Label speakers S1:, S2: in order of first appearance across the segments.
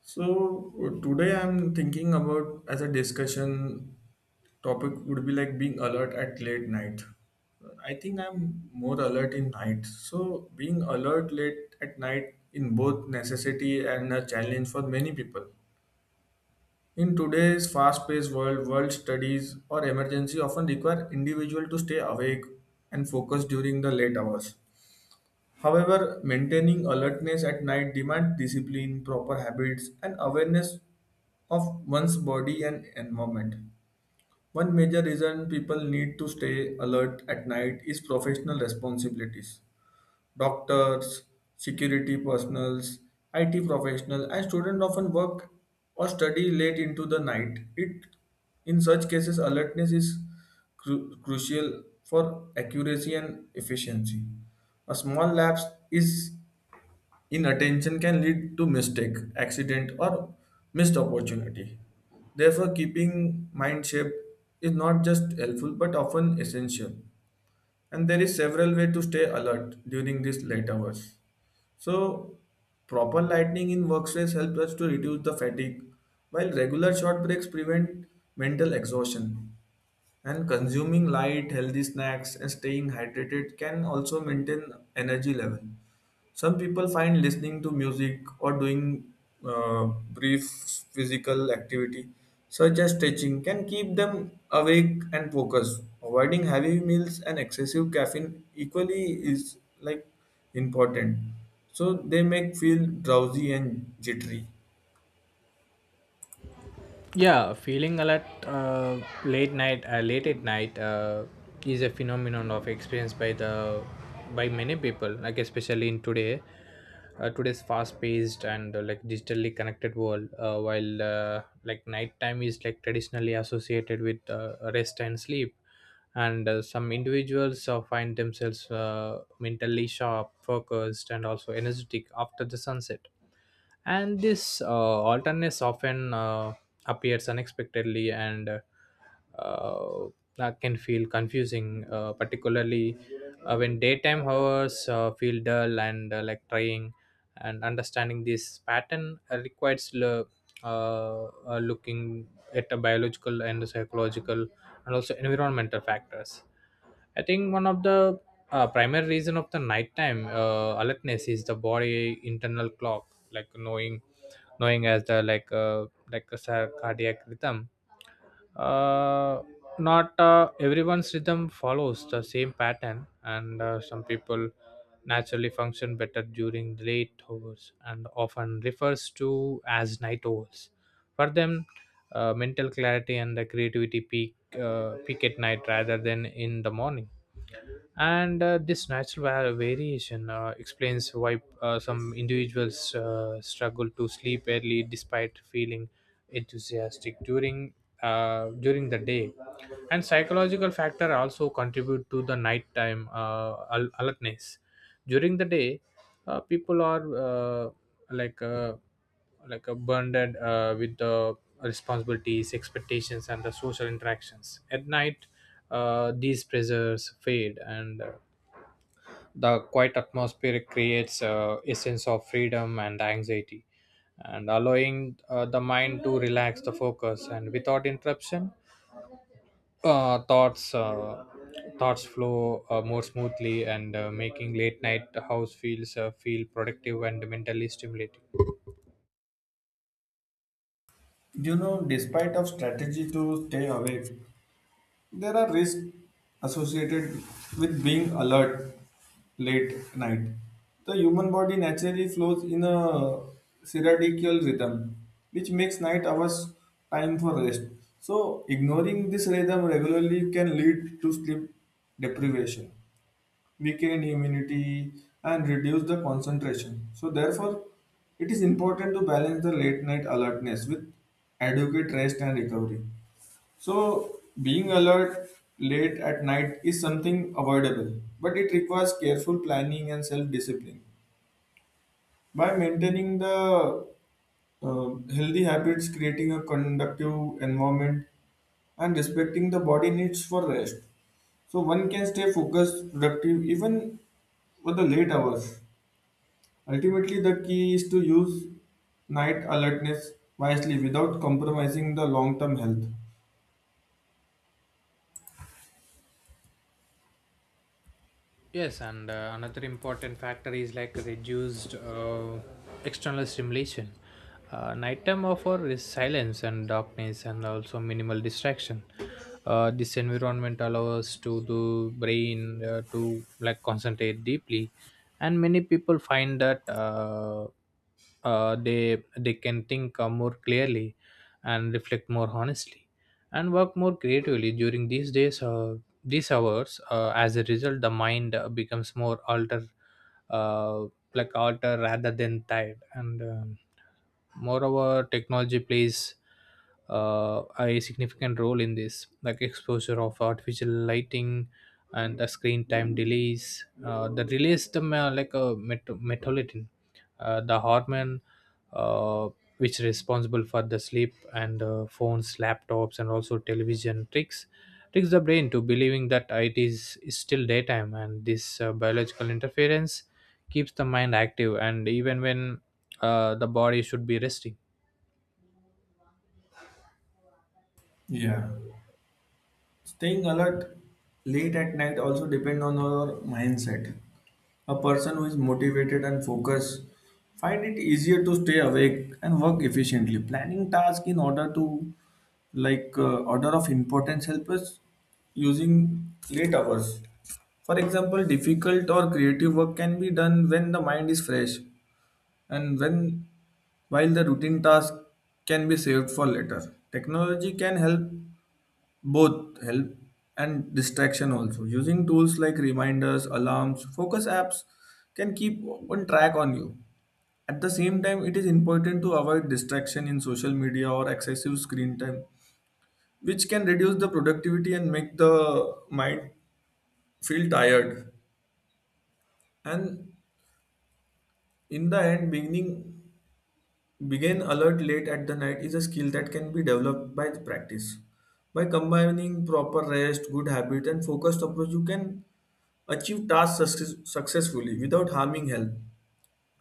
S1: So today I'm thinking about as a discussion topic would be like being alert at late night. I think I'm more alert in night. So being alert late at night in both necessity and a challenge for many people. In today's fast-paced world, world studies or emergency often require individual to stay awake and focus during the late hours. However, maintaining alertness at night demands discipline, proper habits, and awareness of one's body and environment. One major reason people need to stay alert at night is professional responsibilities. Doctors, security personnels, IT professionals, and students often work or study late into the night. It, in such cases, alertness is crucial for accuracy and efficiency. A small lapse is Inattention can lead to mistake, accident, or missed opportunity. Therefore, keeping mind shape is not just helpful but often essential. And there is several way to stay alert during these late hours. So, proper lighting in workspace helps us to reduce the fatigue, while regular short breaks prevent mental exhaustion. And consuming light, healthy snacks, and staying hydrated can also maintain energy level. Some people find listening to music or doing brief physical activity, such as stretching, can keep them awake and focused. Avoiding heavy meals and excessive caffeine equally is like important. So they make feel drowsy and jittery.
S2: Yeah, feeling alert late night, late at night, is a phenomenon of experience by the by many people. Like especially in today, today's fast-paced and like digitally connected world. While like nighttime is like traditionally associated with rest and sleep, and some individuals find themselves mentally sharp, focused, and also energetic after the sunset, and this alternateness often appears unexpectedly and uh, that can feel confusing particularly when daytime hours feel dull and like trying, and understanding this pattern requires looking at the biological and psychological and also environmental factors. I think one of the primary reason of the nighttime alertness is the body internal clock, like knowing as the like a cardiac rhythm. uh, Not everyone's rhythm follows the same pattern, and some people naturally function better during late hours and often refers to as night owls. For them, mental clarity and the creativity peak at night rather than in the morning, and this natural variation explains why some individuals struggle to sleep early despite feeling enthusiastic during the day. And psychological factor also contribute to the nighttime alertness. During the day, people are like uh, burdened with the responsibilities, expectations, and the social interactions. At night, these pressures fade, and the quiet atmosphere creates a sense of freedom and anxiety, and allowing the mind to relax the focus and without interruption. Uh, thoughts uh, thoughts flow more smoothly, and making late night house feels feel productive and mentally stimulating.
S1: You know, despite of strategy to stay awake, there are risks associated with being alert late night. The human body naturally flows in a circadian rhythm, which makes night hours time for rest. So, ignoring this rhythm regularly can lead to sleep deprivation, weaken immunity, and reduce the concentration. So, therefore, it is important to balance the late night alertness with adequate rest and recovery. So, being alert late at night is something avoidable, but it requires careful planning and self discipline. By maintaining the healthy habits, creating a conductive environment, and respecting the body needs for rest, so one can stay focused, productive even for the late hours. Ultimately, the key is to use night alertness wisely without compromising the long term health.
S2: Yes, and another important factor is like reduced external stimulation. Nighttime offer is silence and darkness, and also minimal distraction. This environment allows to the brain to like concentrate deeply, and many people find that they can think more clearly and reflect more honestly and work more creatively during these hours. As a result, the mind becomes more alter, uh, alter rather than tired. And moreover, technology plays a significant role in this, like exposure of artificial lighting and the screen time delays the release the melatonin, the hormone, uh, which is responsible for the sleep. And phones, laptops, and also television tricks the brain to believing that it is still daytime, and this biological interference keeps the mind active, and even when the body should be resting.
S1: Yeah. Staying alert late at night also depends on our mindset. A person who is motivated and focused find it easier to stay awake and work efficiently. Planning tasks in order to like order of importance help us using late hours. For example, difficult or creative work can be done when the mind is fresh and when while the routine task can be saved for later. Technology can help both help and distraction also using tools like reminders alarms focus apps can keep one track on you at the same time it is important to avoid distraction in social media or excessive screen time which can reduce the productivity and make the mind feel tired and in the end beginning being alert late at the night is a skill that can be developed by practice. By combining proper rest, good habits, and focused approach, you can achieve successfully without harming health.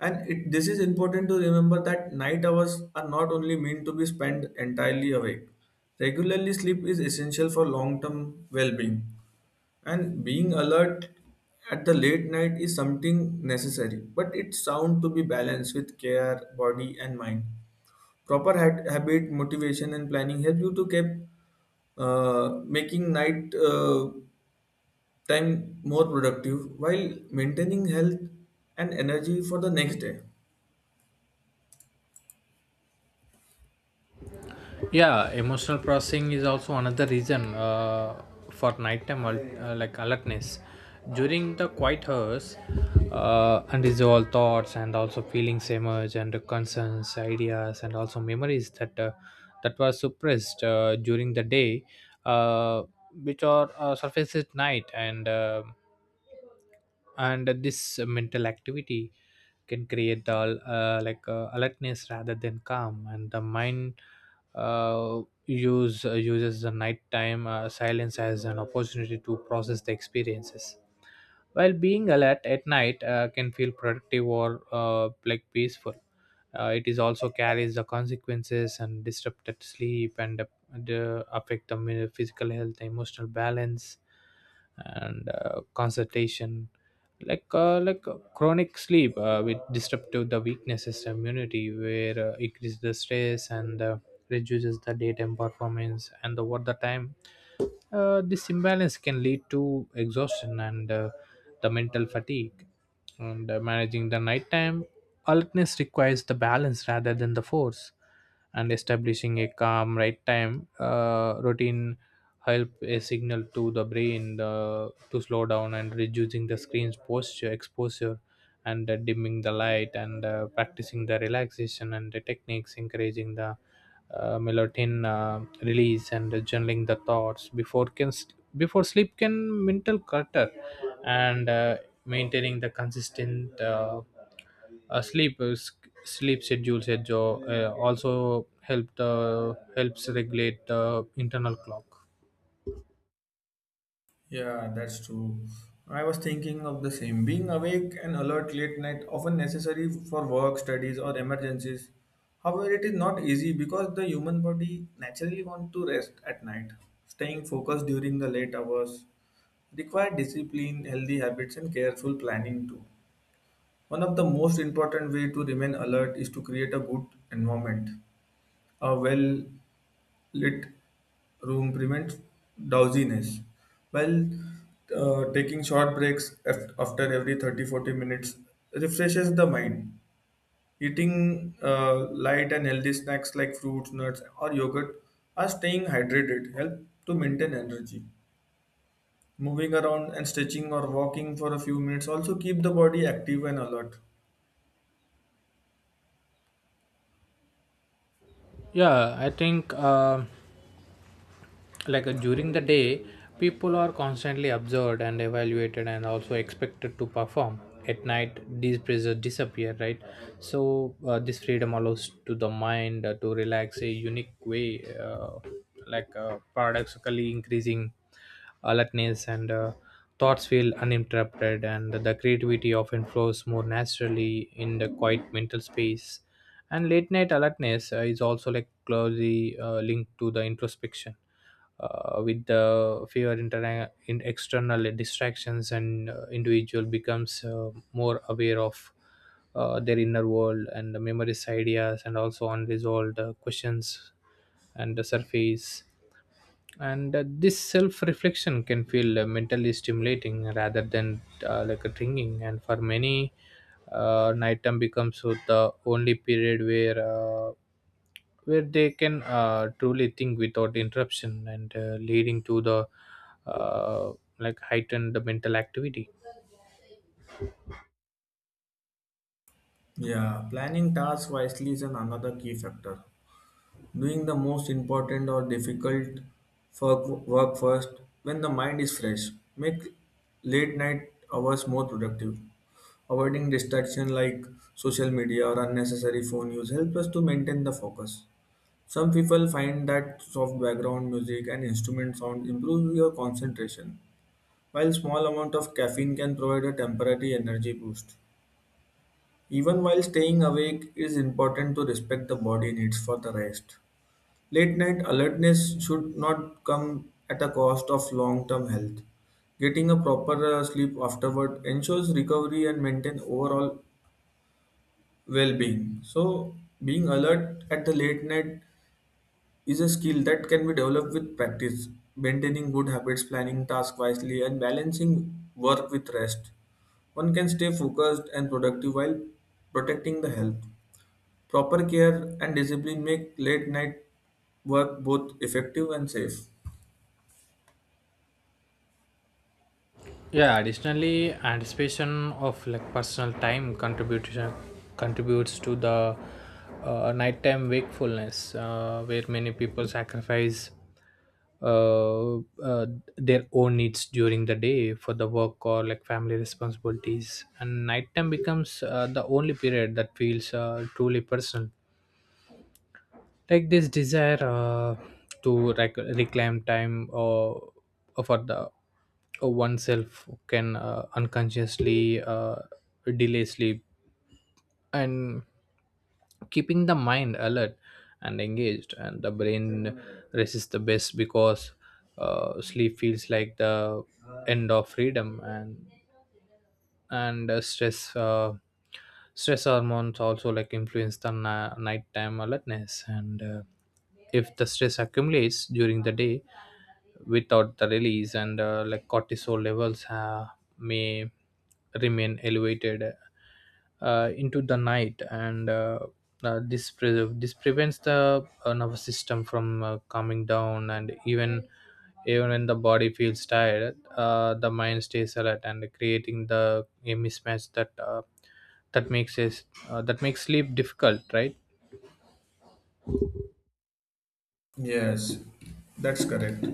S1: And it, this is important to remember that night hours are not only meant to be spent entirely awake. Regularly sleep is essential for long-term well-being, and being alert at the late night is something necessary, but it's sound to be balanced with care, body, and mind. Proper hat, habit, motivation, and planning help you to keep making night time more productive while maintaining health and energy for the next day.
S2: Yeah, emotional processing is also another reason for nighttime like alertness. During the quiet hours, unresolved thoughts and also feelings emerge, and concerns, ideas, and also memories that were suppressed during the day, uh, which are surface at night. And and this mental activity can create the alertness rather than calm, and the mind uses the nighttime silence as an opportunity to process the experiences. While being alert at night can feel productive or like peaceful, it is also carries the consequences and disrupted sleep, affect the physical health, emotional balance, and concentration. Chronic sleep with disruptive the weaknesses immunity, where increase the stress and reduces the daytime performance, and over the time, this imbalance can lead to exhaustion and the mental fatigue. And managing the nighttime alertness requires the balance rather than the force. And establishing a calm right time routine help a signal to the brain the, to slow down, and reducing the screen's posture exposure and dimming the light and practicing the relaxation and the techniques, encouraging the melatonin release, and journaling the thoughts before sleep can mental clutter. And maintaining the consistent uh, sleep uh, s- sleep schedules also help the helps regulate the internal clock.
S1: Yeah, that's true. I was thinking of the same. Being awake and alert late night often necessary for work, studies, or emergencies. However, it is not easy because the human body naturally want to rest at night. Staying focused during the late hours require discipline, healthy habits, and careful planning too. One of the most important way to remain alert is to create a good environment. A well lit room prevents drowsiness. While taking short breaks after every 30 40 minutes refreshes the mind. Eating light and healthy snacks like fruits, nuts, or yogurt or staying hydrated help to maintain energy. Moving around and stretching or walking for a few minutes also keep the body active and alert.
S2: Yeah, I think during the day, people are constantly observed and evaluated and also expected to perform. At night, these pressures disappear, right? So this freedom allows to the mind to relax a unique way, paradoxically increasing alertness. And thoughts feel uninterrupted, and the creativity often flows more naturally in the quiet mental space. And late night alertness is also like closely linked to the introspection. With the fewer in external distractions, and individual becomes more aware of their inner world, and the memories, ideas, and also unresolved questions and the surface. And this self reflection can feel mentally stimulating rather than like a drinking. And for many, night time becomes so the only period uh, where they can truly think without interruption, and leading to the uh, like heightened mental activity.
S1: Yeah, planning tasks wisely is an another key factor. Doing the most important or difficult work first when the mind is fresh. Make late night hours more productive. Avoiding distraction like social media or unnecessary phone use helps us to maintain the focus. Some people find that soft background music and instrument sound improves your concentration. While small amount of caffeine can provide a temporary energy boost, even while staying awake, it is important to respect the body needs for the rest. Late night alertness should not come at a cost of long term health. Getting a proper sleep afterward ensures recovery and maintain overall well being. So, being alert at the late night is a skill that can be developed with practice, maintaining good habits, planning tasks wisely, and balancing work with rest. One can stay focused and productive while protecting the health. Proper care and discipline make late night work both effective and safe.
S2: Yeah, additionally, anticipation of like personal time contribution contributes to the nighttime wakefulness, where many people sacrifice uh, uh, their own needs during the day for the work or like family responsibilities, and nighttime becomes the only period that feels truly personal. Like this desire to reclaim time or for the oneself can unconsciously delay sleep and keeping the mind alert and engaged. And the brain resists the best because sleep feels like the end of freedom. And stress hormones also like influence the nighttime alertness. And if the stress accumulates during the day without the release, and like cortisol levels may remain elevated into the night. And this prevents the nervous system from calming down. And even when the body feels tired, the mind stays alert, and creating the a mismatch that makes us that makes sleep difficult, right?
S1: Yes, that's correct.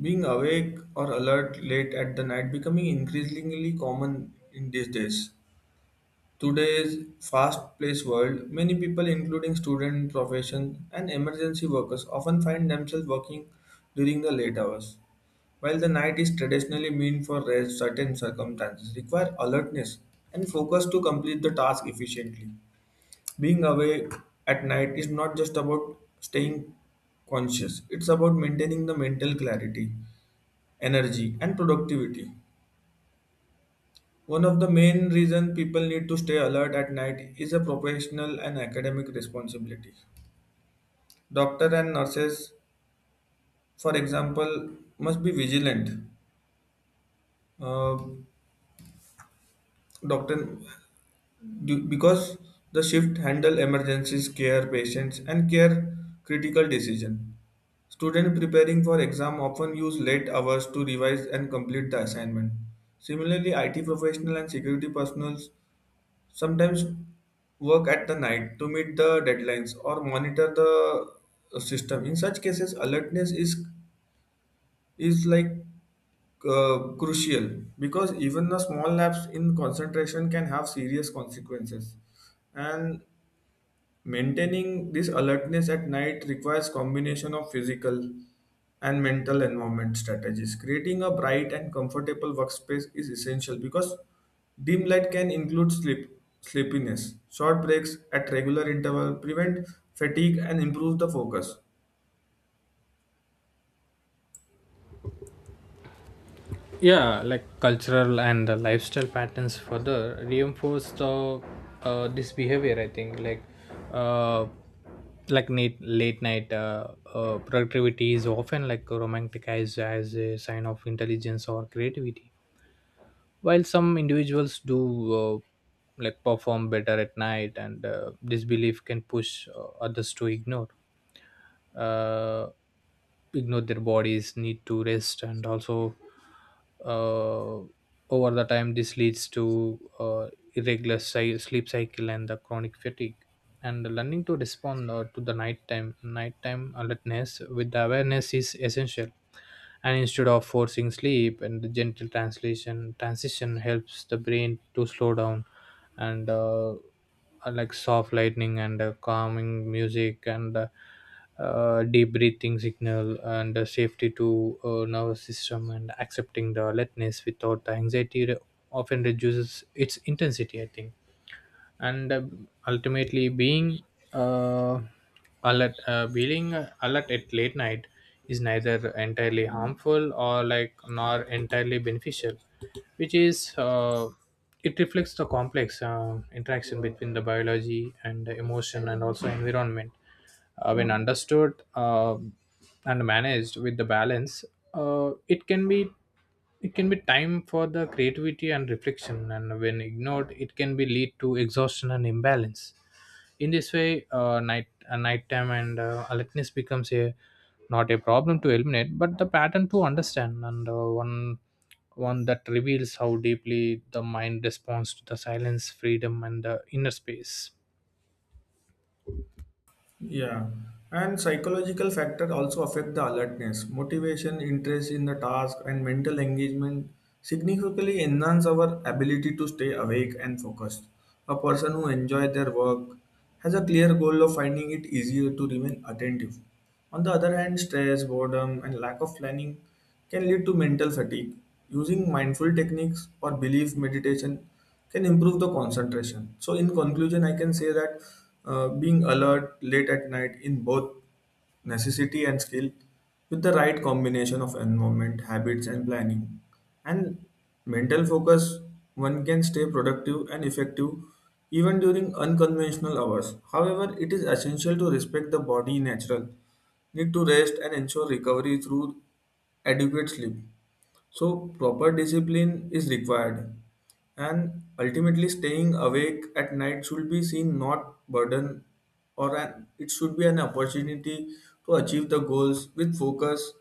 S1: Being awake or alert late at the night becoming increasingly common in these days. Today's fast-paced world, many people, including students, professions, and emergency workers, often find themselves working during the late hours. While the night is traditionally meant for rest, certain circumstances require alertness and focus to complete the task efficiently. Being awake at night is not just about staying conscious, it's about maintaining the mental clarity, energy, and productivity. One of the main reasons people need to stay alert at night is a professional and academic responsibility. Doctor and nurses, for example, must be vigilant. Uh, Doctor, because the shift handle emergencies, care patients, and care critical decision. Students preparing for exam often use late hours to revise and complete the assignment. Similarly, IT professional and security personnel sometimes work at the night to meet the deadlines or monitor the system in such cases alertness is like crucial because even a small lapse in concentration can have serious consequences and maintaining this alertness at night requires combination of physical and mental environment strategies. Creating a bright and comfortable workspace is essential because dim light can include sleepiness. Short breaks at regular interval prevent fatigue and improve the focus.
S2: Yeah, like cultural and lifestyle patterns further reinforce the this behavior, I think. Like uh late night productivity is often like romanticized as a sign of intelligence or creativity. While some individuals do uh, like perform better at night, and this belief can push others to uh, ignore their bodies need to rest, and also uh, over the time this leads to uh, irregular sleep cycle and the chronic fatigue. And learning to respond to the nighttime alertness with the awareness is essential. And instead of forcing sleep, and the gentle translation transition helps the brain to slow down, and like soft lightning and calming music and deep breathing signal and safety to nervous system, and accepting the alertness without the anxiety often reduces its intensity, I think. And ultimately uh, being alert at late night is neither entirely harmful or like nor entirely beneficial, which is, it reflects the complex interaction between the biology and the emotion and also environment. When understood and managed with the balance, it can be time for the creativity and reflection, and when ignored, it can be lead to exhaustion and imbalance. In this way, nighttime and alertness becomes a not a problem to eliminate, but the pattern to understand, and one that reveals how deeply the mind responds to the silence, freedom, and the inner space.
S1: Yeah, and psychological factor also affect the alertness, motivation, interest in the task, and mental engagement significantly enhance our ability to stay awake and focused. A person who enjoys their work has a clear goal of finding it easier to remain attentive. On the other hand, stress, boredom, and lack of planning can lead to mental fatigue. Using mindful techniques or belief meditation can improve the concentration. So, in conclusion, I can say that being alert late at night in both necessity and skill with the right combination of environment, habits, and planning and mental focus one can stay productive and effective even during unconventional hours however it is essential to respect the body natural need to rest and ensure recovery through adequate sleep so proper discipline is required and ultimately staying awake at night should be seen not burden or an, it should be an opportunity to achieve the goals with focus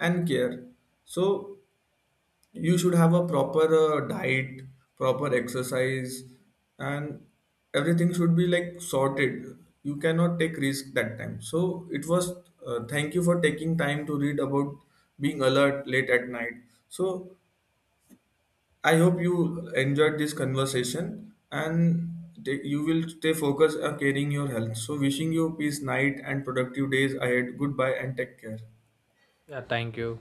S1: and care so you should have a proper diet proper exercise and everything should be like sorted you cannot take risk that time so it was thank you for taking time to read about being alert late at night so I hope you enjoyed this conversation and take, you will stay focused on caring your health so wishing you peace night and productive days ahead goodbye and take care
S2: Yeah, thank you.